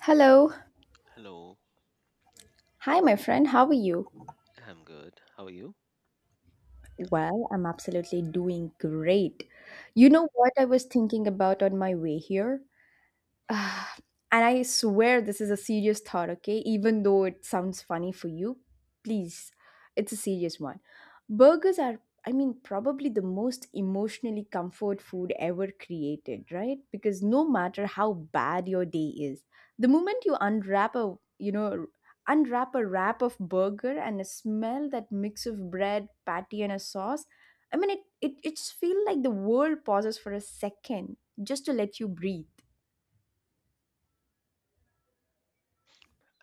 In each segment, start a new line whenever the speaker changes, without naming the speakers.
Hello.
Hello,
Hi, my friend. How are you?
I'm good. How are you?
Well, I'm absolutely doing great. You
Mhm.
know what I was thinking about on my way here? Ah, and I swear this is a serious thought, okay? Even though it sounds funny for you, please, it's a serious one. Burgers are, probably the most emotionally comfort food ever created, right? Because no matter how bad your day is, the moment you unwrap a unwrap a wrap of burger and a smell that mix of bread, patty, and a sauce, it just feel like the world pauses for a second just to let you breathe.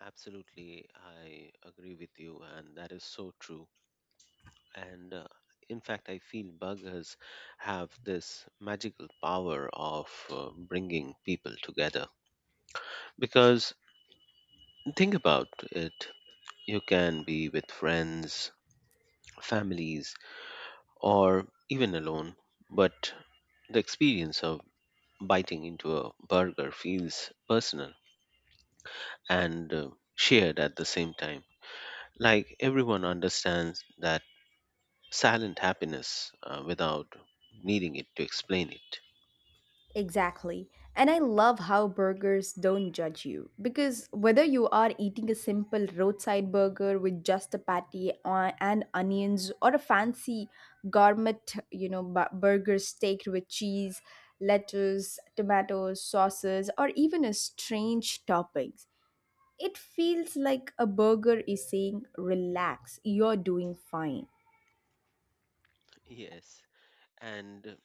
Absolutely, I agree with you, and that is so true. And In fact, I feel buggers have this magical power of bringing people together. Because think about it, you can be with friends, families, or even alone, but the experience of biting into a burger feels personal and shared at the same time. Like everyone understands that silent happiness without needing it to explain it.
Exactly. And I love how burgers don't judge you because whether you are eating a simple roadside burger with just a patty and onions or a fancy gourmet, burger steak with cheese, lettuce, tomatoes, sauces or even a strange toppings, it feels like a burger is saying relax, you're doing fine.
Yes, and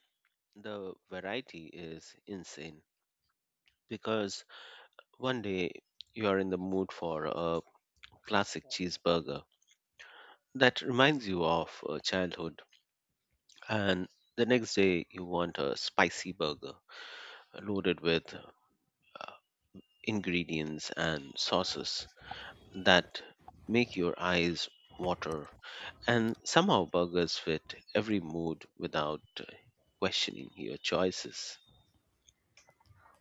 the variety is insane because one day you are in the mood for a classic cheeseburger that reminds you of childhood, and the next day you want a spicy burger loaded with ingredients and sauces. That make your eyes water, and somehow burgers fit every mood without questioning your choices.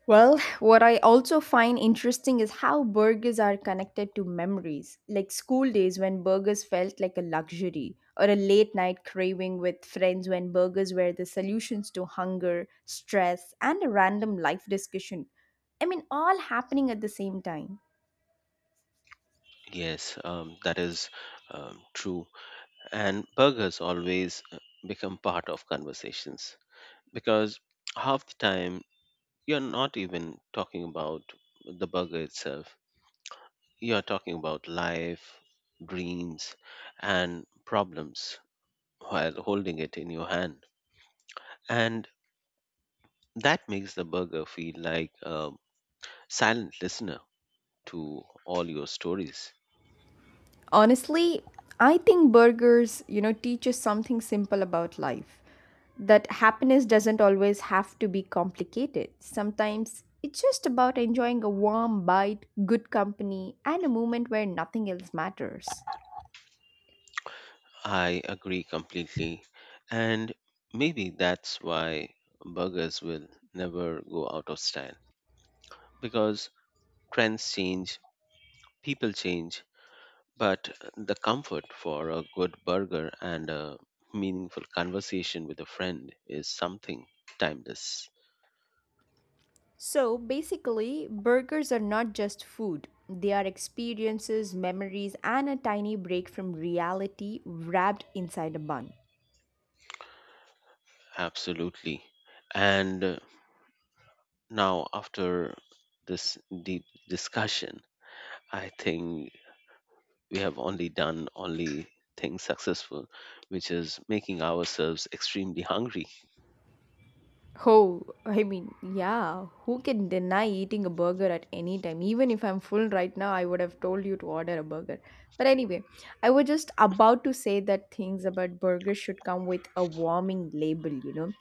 Well, what I also find interesting is how burgers are connected to memories, like school days when burgers felt like a luxury, or a late night craving with friends when burgers were the solutions to hunger, stress, and a random life discussion. All happening at the same time.
Yes, that is true. And burgers always become part of conversations because half the time you're not even talking about the burger itself. You're talking about life, dreams, and problems while holding it in your hand. And that makes the burger feel like a silent listener to all your stories.
Honestly, I think burgers, teach us something simple about life. That happiness doesn't always have to be complicated. Sometimes it's just about enjoying a warm bite, good company, and a moment where nothing else matters.
I agree completely. And maybe that's why burgers will never go out of style because trends change, people change, but the comfort for a good burger and a meaningful conversation with a friend is something timeless.
So basically, burgers are not just food. They are experiences, memories, and a tiny break from reality wrapped inside a bun.
Absolutely. And Now, after this deep discussion, I think we have only done only thing successful, which is making ourselves extremely hungry.
Oh, yeah, who can deny eating a burger at any time? Even if I'm full right now, I would have told you to order a burger. But anyway, I was just about to say that things about burgers should come with a warming label,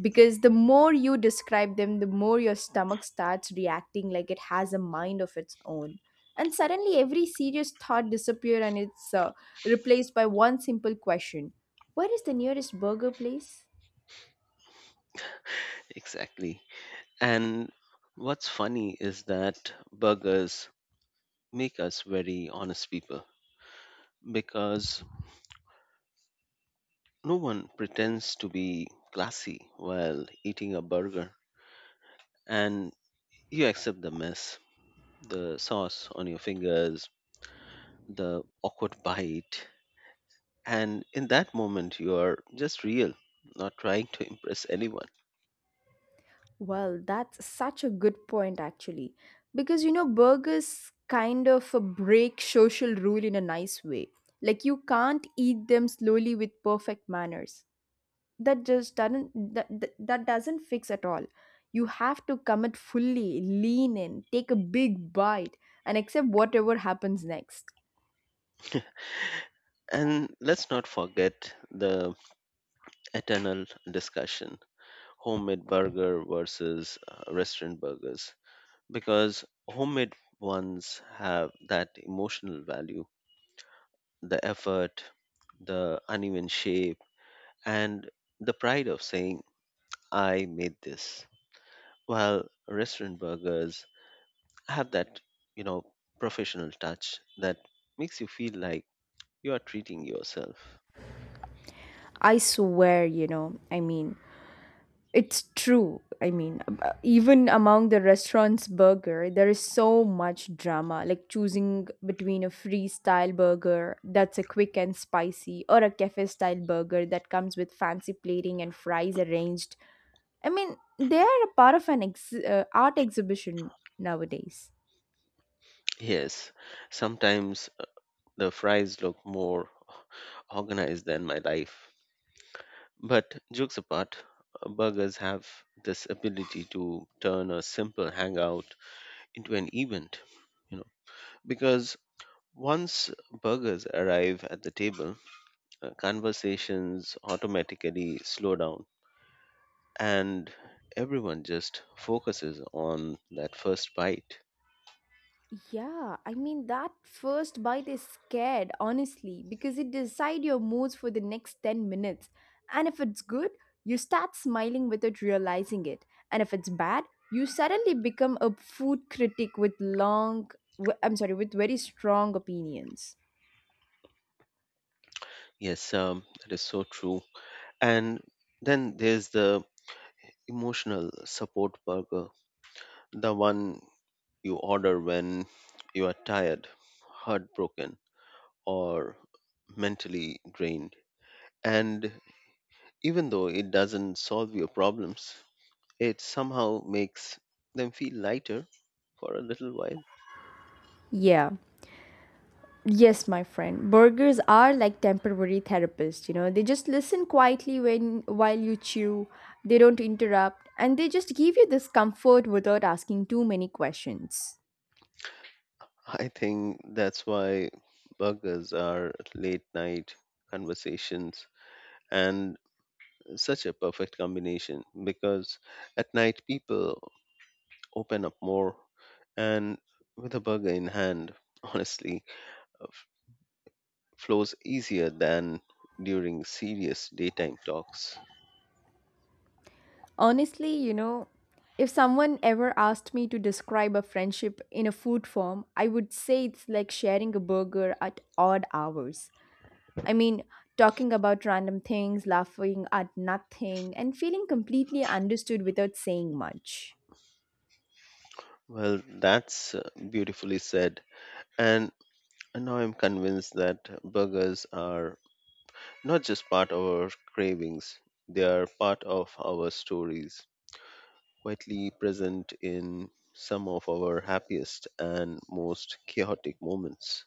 because the more you describe them, the more your stomach starts reacting like it has a mind of its own. And suddenly every serious thought disappears and it's replaced by one simple question. Where is the nearest burger place?
Exactly. And what's funny is that burgers make us very honest people because no one pretends to be classy while eating a burger and you accept the mess, the sauce on your fingers, the awkward bite, and in that moment, you are just real, not trying to impress anyone.
Well, that's such a good point, actually. Because, burgers kind of a break social rule in a nice way. Like, you can't eat them slowly with perfect manners. That just doesn't, that, that, that doesn't fix at all. You have to commit fully, lean in, take a big bite, and accept whatever happens next.
And let's not forget the eternal discussion homemade burger versus restaurant burgers, because homemade ones have that emotional value, the effort, the uneven shape, and the pride of saying, I made this. While restaurant burgers have that, you know, professional touch that makes you feel like you are treating yourself.
I swear, it's true. Even among the restaurant's burger, there is so much drama, like choosing between a freestyle burger that's a quick and spicy or a cafe style burger that comes with fancy plating and fries arranged. I mean, they are a part of an art exhibition nowadays.
Yes, sometimes the fries look more organized than my life. But jokes apart, burgers have this ability to turn a simple hangout into an event, you know, because once burgers arrive at the table, conversations automatically slow down and everyone just focuses on that first bite.
Yeah, I mean that first bite is scared, honestly, because it decide your moods for the next 10 minutes. And if it's good, you start smiling without realizing it. And if it's bad, you suddenly become a food critic with I'm sorry, with very strong opinions.
Yes, that is so true. And then there's the emotional support burger, the one you order when you are tired, heartbroken, or mentally drained. And even though it doesn't solve your problems, it somehow makes them feel lighter for a little while.
Yeah. Yes, my friend. Burgers are like temporary therapists, you know. They just listen quietly when while you chew. They don't interrupt and they just give you this comfort without asking too many questions.
I think that's why burgers are late night conversations and such a perfect combination because at night people open up more, and with a burger in hand, honestly, uh, f- flows easier than during serious daytime talks.
Honestly, you know, if someone ever asked me to describe a friendship in a food form, I would say it's like sharing a burger at odd hours. I mean, talking about random things, laughing at nothing, and feeling completely understood without saying much.
Well, that's beautifully said. And now I'm convinced that burgers are not just part of our cravings, they are part of our stories, quietly present in some of our happiest and most chaotic moments.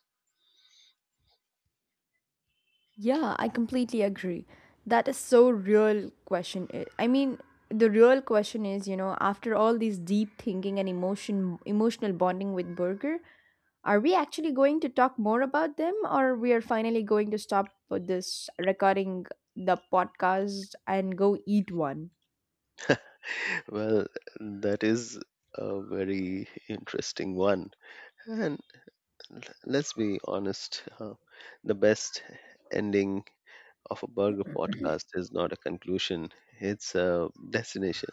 Yeah, I completely agree. That is so real question. The real question is, you know, after all these deep thinking and emotional bonding with Burger, are we actually going to talk more about them or we are finally going to stop with this recording the podcast and go eat one?
Well, that is a very interesting one. And let's be honest, the best ending of a burger podcast is not a conclusion, it's a destination.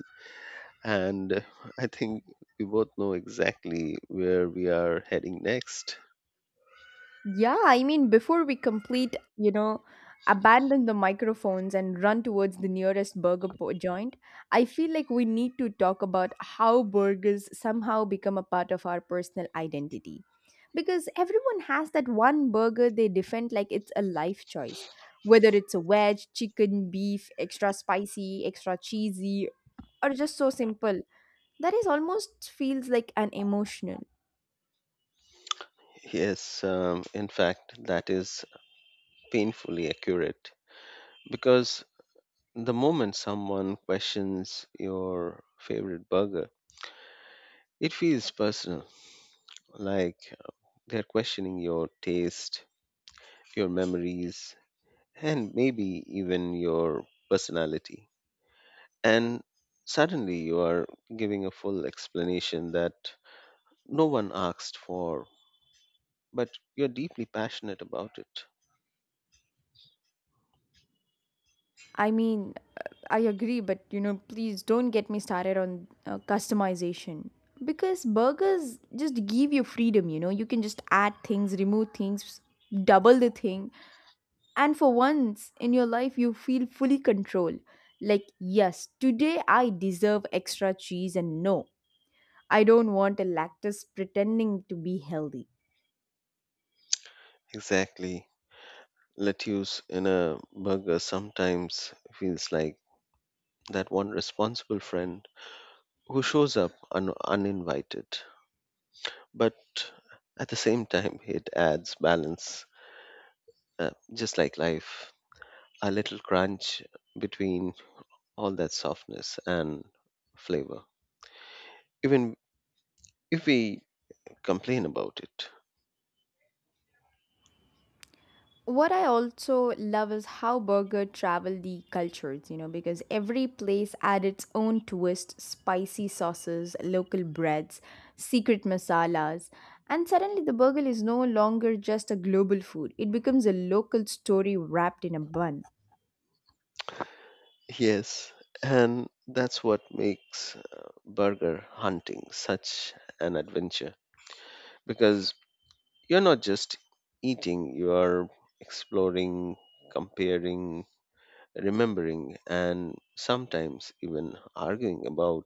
And I think we both know exactly where we are heading next.
Yeah, I mean, before we complete, abandon the microphones and run towards the nearest joint, I feel like we need to talk about how burgers somehow become a part of our personal identity. Because everyone has that one burger they defend like it's a life choice, whether it's a wedge, chicken, beef, extra spicy, extra cheesy, or just so simple. That is almost feels like an emotional.
Yes, in fact, that is painfully accurate because the moment someone questions your favorite burger, it feels personal. Like they're questioning your taste, your memories, and maybe even your personality. And suddenly you are giving a full explanation that no one asked for, but you're deeply passionate about it.
I mean, I agree, but you know, please don't get me started on customization. Because burgers just give you freedom, you know, you can just add things, remove things, double the thing. And for once in your life, you feel fully control. Like, yes, today I deserve extra cheese, and no, I don't want a lactose pretending to be healthy.
Exactly. Lettuce in a burger sometimes feels like that one responsible friend who shows up uninvited, but at the same time, it adds balance just like life, a little crunch between all that softness and flavor, even if we complain about it.
What I also love is how burger travel the cultures, you know, because every place had its own twist, spicy sauces, local breads, secret masalas, and suddenly the burger is no longer just a global food. It becomes a local story wrapped in a bun.
Yes, and that's what makes burger hunting such an adventure because you're not just eating, you are exploring, comparing, remembering, and sometimes even arguing about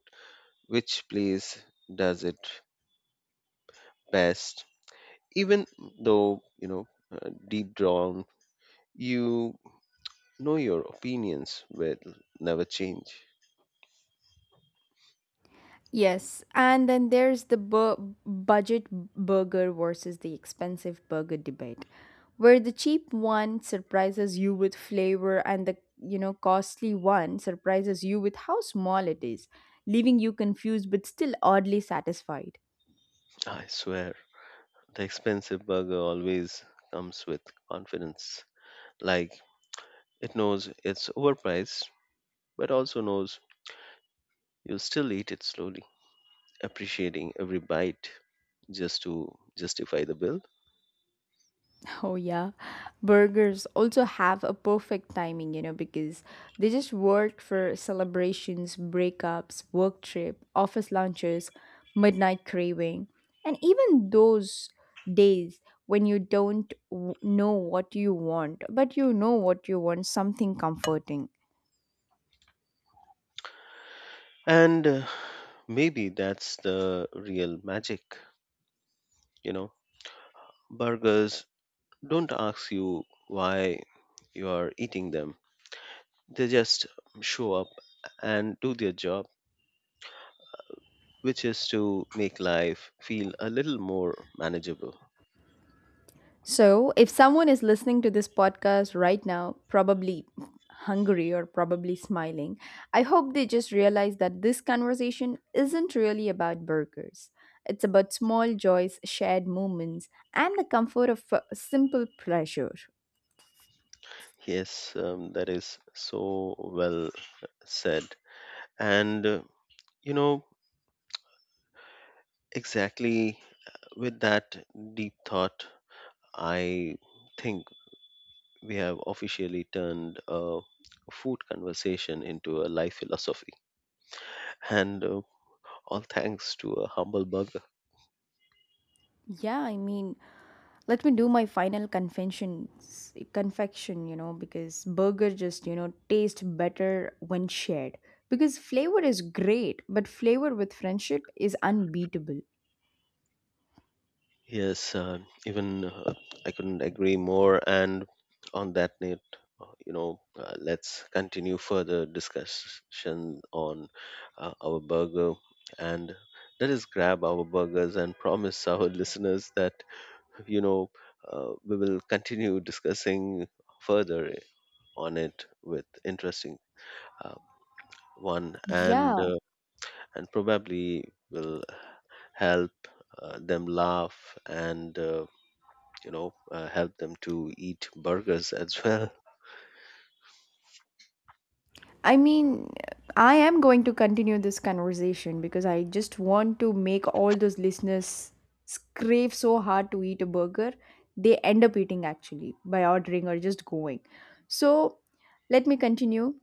which place does it best even though deep down you know your opinions will never change.
Yes, and then there's the budget burger versus the expensive burger debate, where the cheap one surprises you with flavor and the you know costly one surprises you with how small it is, leaving you confused but still oddly satisfied.
I swear the expensive burger always comes with confidence, like it knows it's overpriced but also knows you'll still eat it slowly, appreciating every bite just to justify the bill.
Oh, yeah. Burgers also have a perfect timing, you know, because they just work for celebrations, breakups, work trip, office lunches, midnight craving, and even those days when you don't know what you want, but you know what you want something comforting.
And Maybe that's the real magic, you know, burgers don't ask you why you are eating them. They just show up and do their job, which is to make life feel a little more manageable.
So, if someone is listening to this podcast right now, probably hungry or probably smiling, I hope they just realize that this conversation isn't really about burgers. It's about small joys, shared moments, and the comfort of simple pleasure.
Yes, that is so well said. And, you know, exactly with that deep thought, I think we have officially turned a food conversation into a life philosophy. And All thanks to a humble burger.
Yeah, I mean, let me do my final confection, you know, because burger just, you know, taste better when shared. Because flavor is great, but flavor with friendship is unbeatable.
Yes, even I couldn't agree more. And on that note, let's continue further discussion on our burger. And let us grab our burgers and promise our listeners that, you know, we will continue discussing further on it with interesting uh, one and
Yeah,
uh, and probably will help them laugh and help them to eat burgers as well.
I mean, I am going to continue this conversation because I just want to make all those listeners crave so hard to eat a burger, they end up eating actually by ordering or just going. So, let me continue.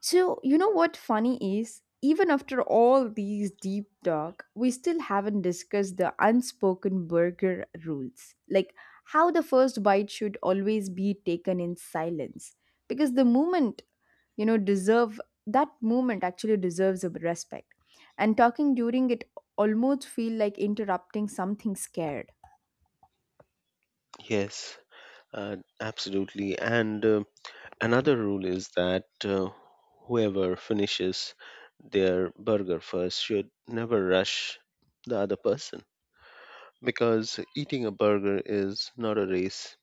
So, you know what funny is? Even after all these deep talk, we still haven't discussed the unspoken burger rules. Like how the first bite should always be taken in silence because the moment you know deserve that movement actually deserves a respect and talking during it almost feel like interrupting something scared.
yes Absolutely. And Another rule is that whoever finishes their burger first should never rush the other person because eating a burger is not a race,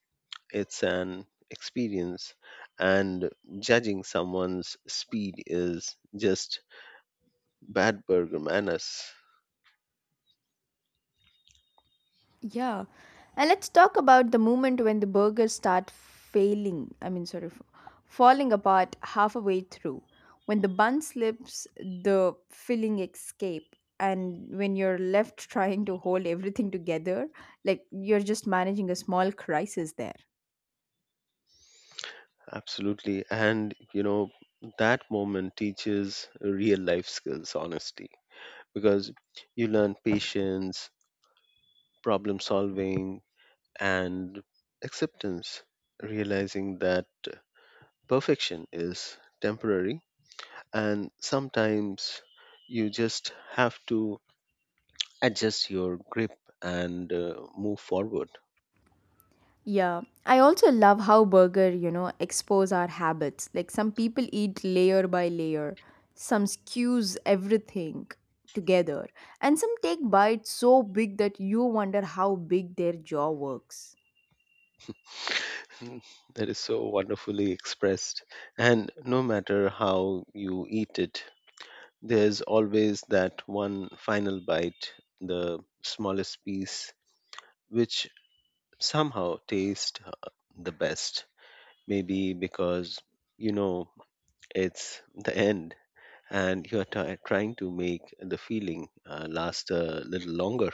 it's an experience, and judging someone's speed is just bad burger manners.
Yeah. And let's talk about the moment when the burgers start failing. Falling apart halfway through. When the bun slips, the filling escape. And when you're left trying to hold everything together, like you're just managing a small crisis there.
Absolutely. And, you know, that moment teaches real life skills, honesty, because you learn patience, problem solving, and acceptance, realizing that perfection is temporary. And sometimes you just have to adjust your grip and move forward.
Yeah, I also love how burger, you know, expose our habits. Like some people eat layer by layer, some skews everything together, and some take bites so big that you wonder how big their jaw works.
Mm, that is so wonderfully expressed. And no matter how you eat it, there's always that one final bite, the smallest piece, which somehow tastes the best. Maybe because you know it's the end and you're trying to make the feeling last a little longer.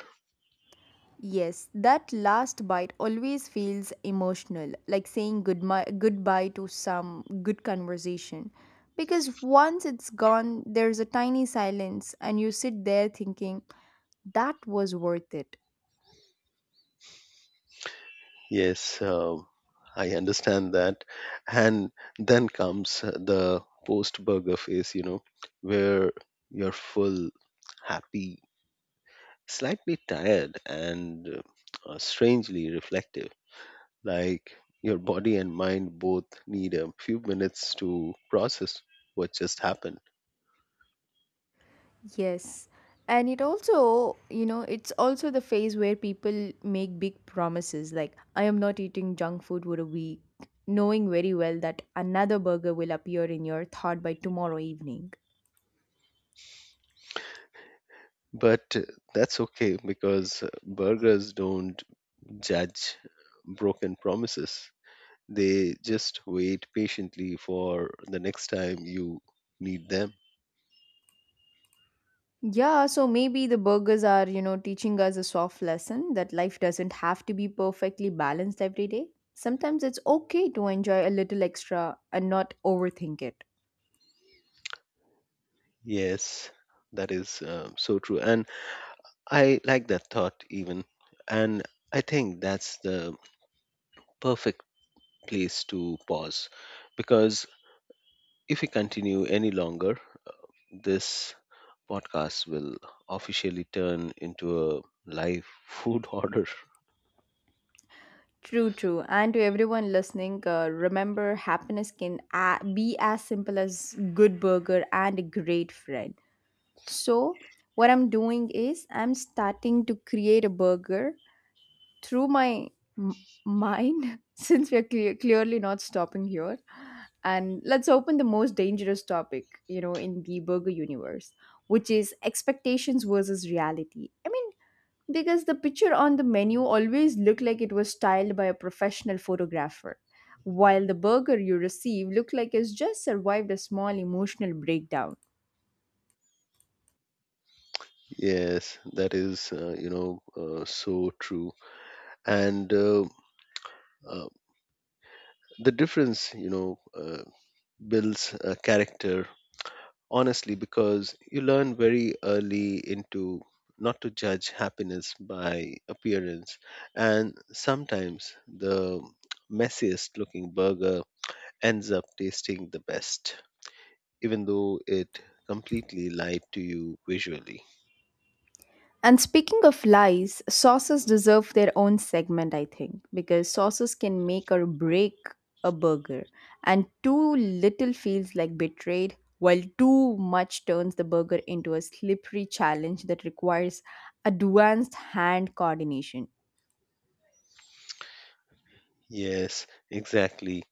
Yes, that last bite always feels emotional, like saying goodbye to some good conversation. Because once it's gone, there's a tiny silence and you sit there thinking that was worth it.
Yes, uh, I understand that. And then comes the post burger phase, you know, where you're full, happy, slightly tired and strangely reflective, like your body and mind both need a few minutes to process what just happened.
Yes. And it also, you know, it's also the phase where people make big promises like, I am not eating junk food for a week, knowing very well that another burger will appear in your thought by tomorrow evening.
But that's okay because burgers don't judge broken promises, they just wait patiently for the next time you need them.
Yeah, so maybe the burgers are, you know, teaching us a soft lesson that life doesn't have to be perfectly balanced every day. Sometimes it's okay to enjoy a little extra and not overthink it.
Yes, that is so true. And I like that thought even. And I think that's the perfect place to pause because if we continue any longer, this podcast will officially turn into a live food order.
True, true. And to everyone listening, remember happiness be as simple as good burger and a great friend. So, what I'm doing is I'm starting to create a burger through my mind since we're clearly not stopping here. And let's open the most dangerous topic, you know, in the burger universe, which is expectations versus reality. I mean, because the picture on the menu always looked like it was styled by a professional photographer while the burger you receive looked like it's just survived a small emotional breakdown.
Yes, that is, so true. And uh, the difference, builds a character honestly because you learn very early into not to judge happiness by appearance, and sometimes the messiest looking burger ends up tasting the best even though it completely lied to you visually.
And speaking of lies sauces deserve their own segment I think because sauces can make or break a burger and too little feels like betrayed while too much turns the burger into a slippery challenge that requires advanced hand coordination.
Yes, exactly.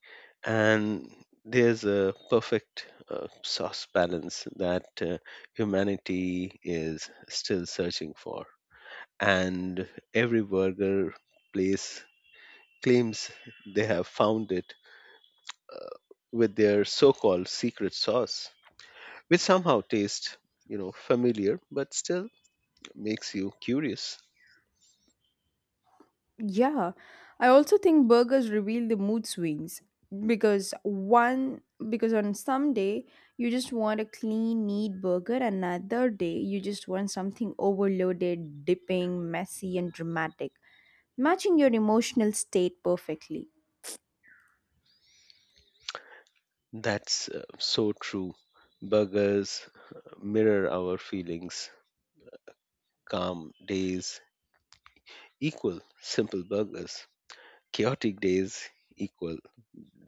And there's a perfect sauce balance that humanity is still searching for, and every burger place claims they have found it uh, with their so-called secret sauce which somehow tastes, you know, familiar but still makes you curious.
Yeah, I also think burgers reveal the mood swings because one because on some day you just want a clean, neat burger, another day you just want something overloaded, dipping, messy, and dramatic, matching your emotional state perfectly.
That's so true. Burgers mirror our feelings. Calm days equal simple burgers, chaotic days equal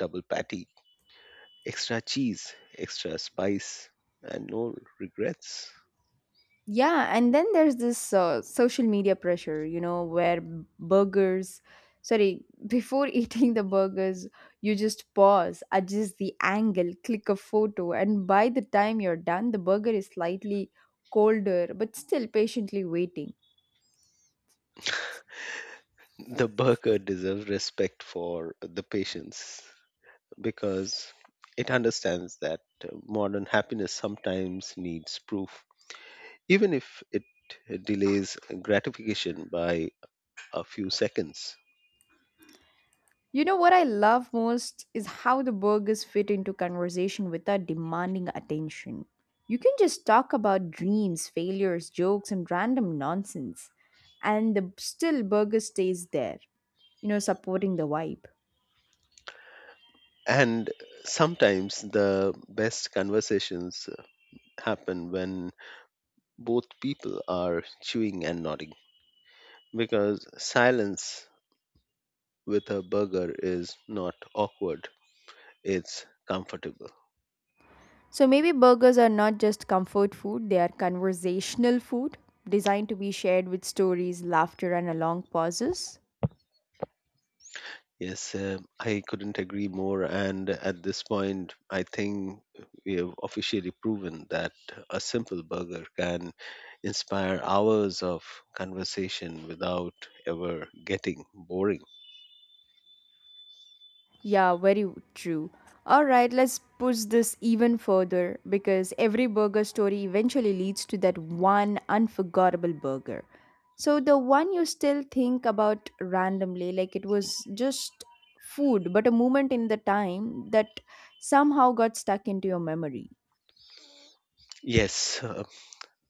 double patty, extra cheese, extra spice, and no regrets.
Yeah, and then there's this social media pressure, you know, where burgers, sorry, before eating the burgers, you just pause, adjust the angle, click a photo, and by the time you're done, the burger is slightly colder, but still patiently waiting.
The burqa deserves respect for the patience because it understands that modern happiness sometimes needs proof, even if it delays gratification by a few seconds.
You know what I love most is how the burgers fit into conversation without demanding attention. You can just talk about dreams, failures, jokes, and random nonsense, and the still burger stays there, supporting the vibe.
And sometimes the best conversations happen when both people are chewing and nodding because silence with a burger is not awkward, it's comfortable.
So maybe burgers are not just comfort food, they are conversational food designed to be shared with stories, laughter, and a long pauses.
Yes, I couldn't agree more. And at this point, I think we have officially proven that a simple burger can inspire hours of conversation without ever getting boring.
Yeah, very true. All right, let's push this even further because every burger story eventually leads to that one unforgettable burger. So, the one you still think about randomly, like it was just food, but a moment in the time that somehow got stuck into your memory.
Yes, uh,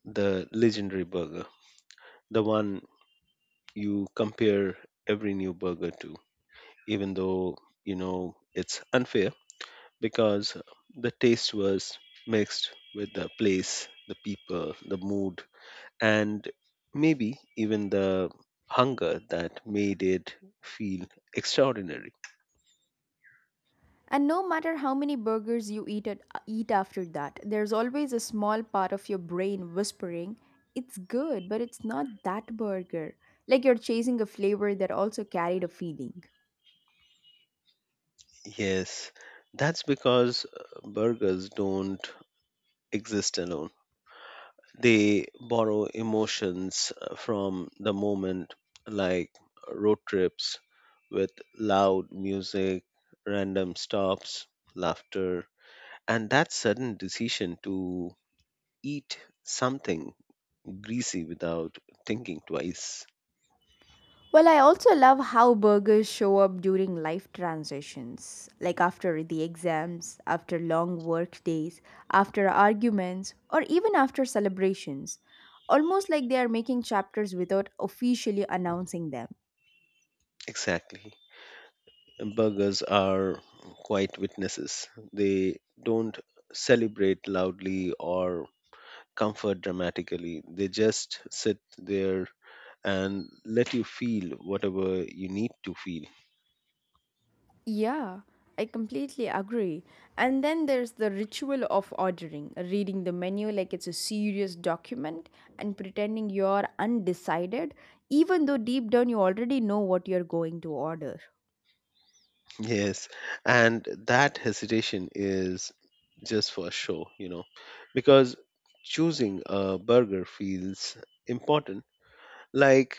the legendary burger, the one you compare every new burger to, even though you know it's unfair because the taste was mixed with the place, the people, the mood and maybe even the hunger that made it feel extraordinary.
And no matter how many burgers you eat after that, there's always a small part of your brain whispering, it's good, but it's not that burger. Like you're chasing a flavor that also carried a feeling.
Yes, that's because burgers don't exist alone. They borrow emotions from the moment, like road trips with loud music, random stops, laughter, and that sudden decision to eat something greasy without thinking twice.
Well, I also love how burgers show up during life transitions, like after the exams, after long work days, after arguments, or even after celebrations. Almost like they are making chapters without officially announcing them.
Exactly. Burgers are quiet witnesses. They don't celebrate loudly or comfort dramatically. They just sit there and let you feel whatever you need to feel.
Yeah, I completely agree. And then there's the ritual of ordering, reading the menu like it's a serious document and pretending you're undecided, even though deep down you already know what you're going to order.
Yes, and that hesitation is just for show, you know, because choosing a burger feels important, like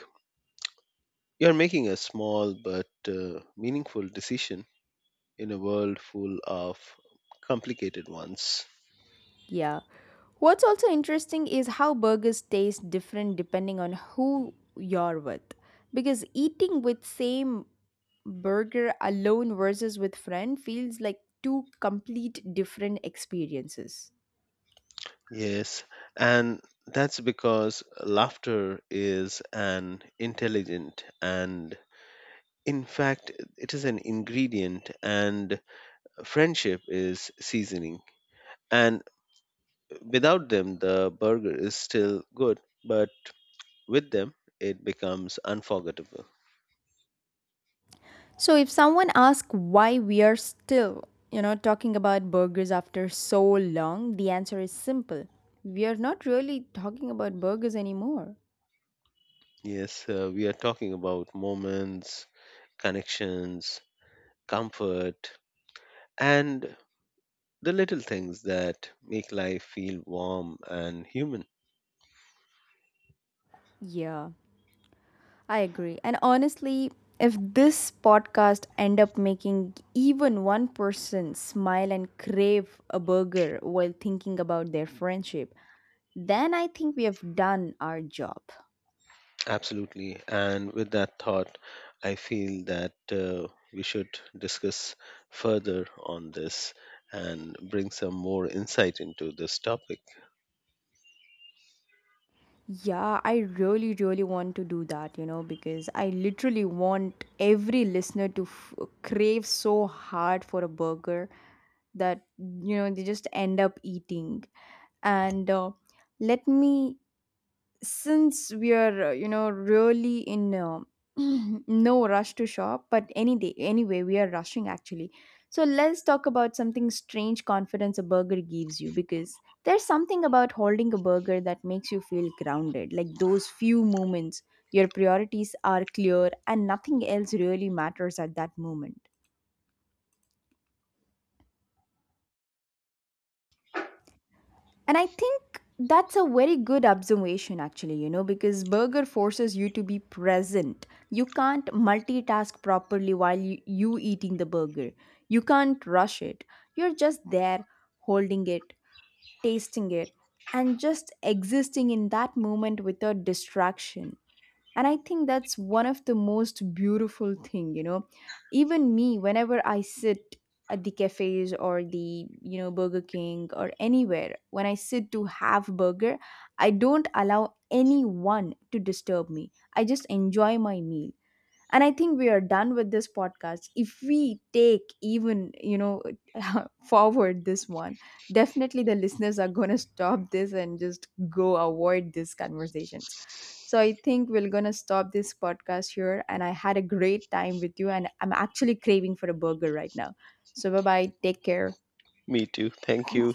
you're making a small but meaningful decision in a world full of complicated ones.
Yeah. What's also interesting is how burgers taste different depending on who you're with. Because eating with same burger alone versus with friend feels like two complete different experiences.
Yes, and that's because laughter is an intelligent and, in fact, it is an ingredient, and friendship is seasoning. And without them, the burger is still good, but with them, it becomes unforgettable.
So if someone asks why we are still, talking about burgers after so long, the answer is simple. We are not really talking about burgers anymore.
Yes, we are talking about moments, connections, comfort, and the little things that make life feel warm and human.
Yeah, I agree. And honestly, if this podcast end up making even one person smile and crave a burger while thinking about their friendship, then I think we have done our job.
Absolutely. And with that thought, I feel that we should discuss further on this and bring some more insight into this topic.
Yeah, I really, really want to do that, because I literally want every listener to crave so hard for a burger that, they just end up eating. And let me, since we are really in no rush to shop, but any day anyway we are rushing actually, so let's talk about something strange confidence a burger gives you because there's something about holding a burger that makes you feel grounded, like those few moments your priorities are clear and nothing else really matters at that moment. And I think that's a very good observation, actually, because burger forces you to be present. You can't multitask properly while you eating the burger. You can't rush it. You're just there, holding it, tasting it, and just existing in that moment without distraction. And I think that's one of the most beautiful thing. Even me, whenever I sit at the cafes or the Burger King or anywhere, when I sit to have burger, I don't allow anyone to disturb me. I just enjoy my meal. And I think we are done with this podcast if we take even forward this one. Definitely the listeners are going to stop this and just go avoid these conversations. So I think we're going to stop this podcast here, and I had a great time with you, and I'm actually craving for a burger right now. So bye bye, take care.
Me too. Thank you.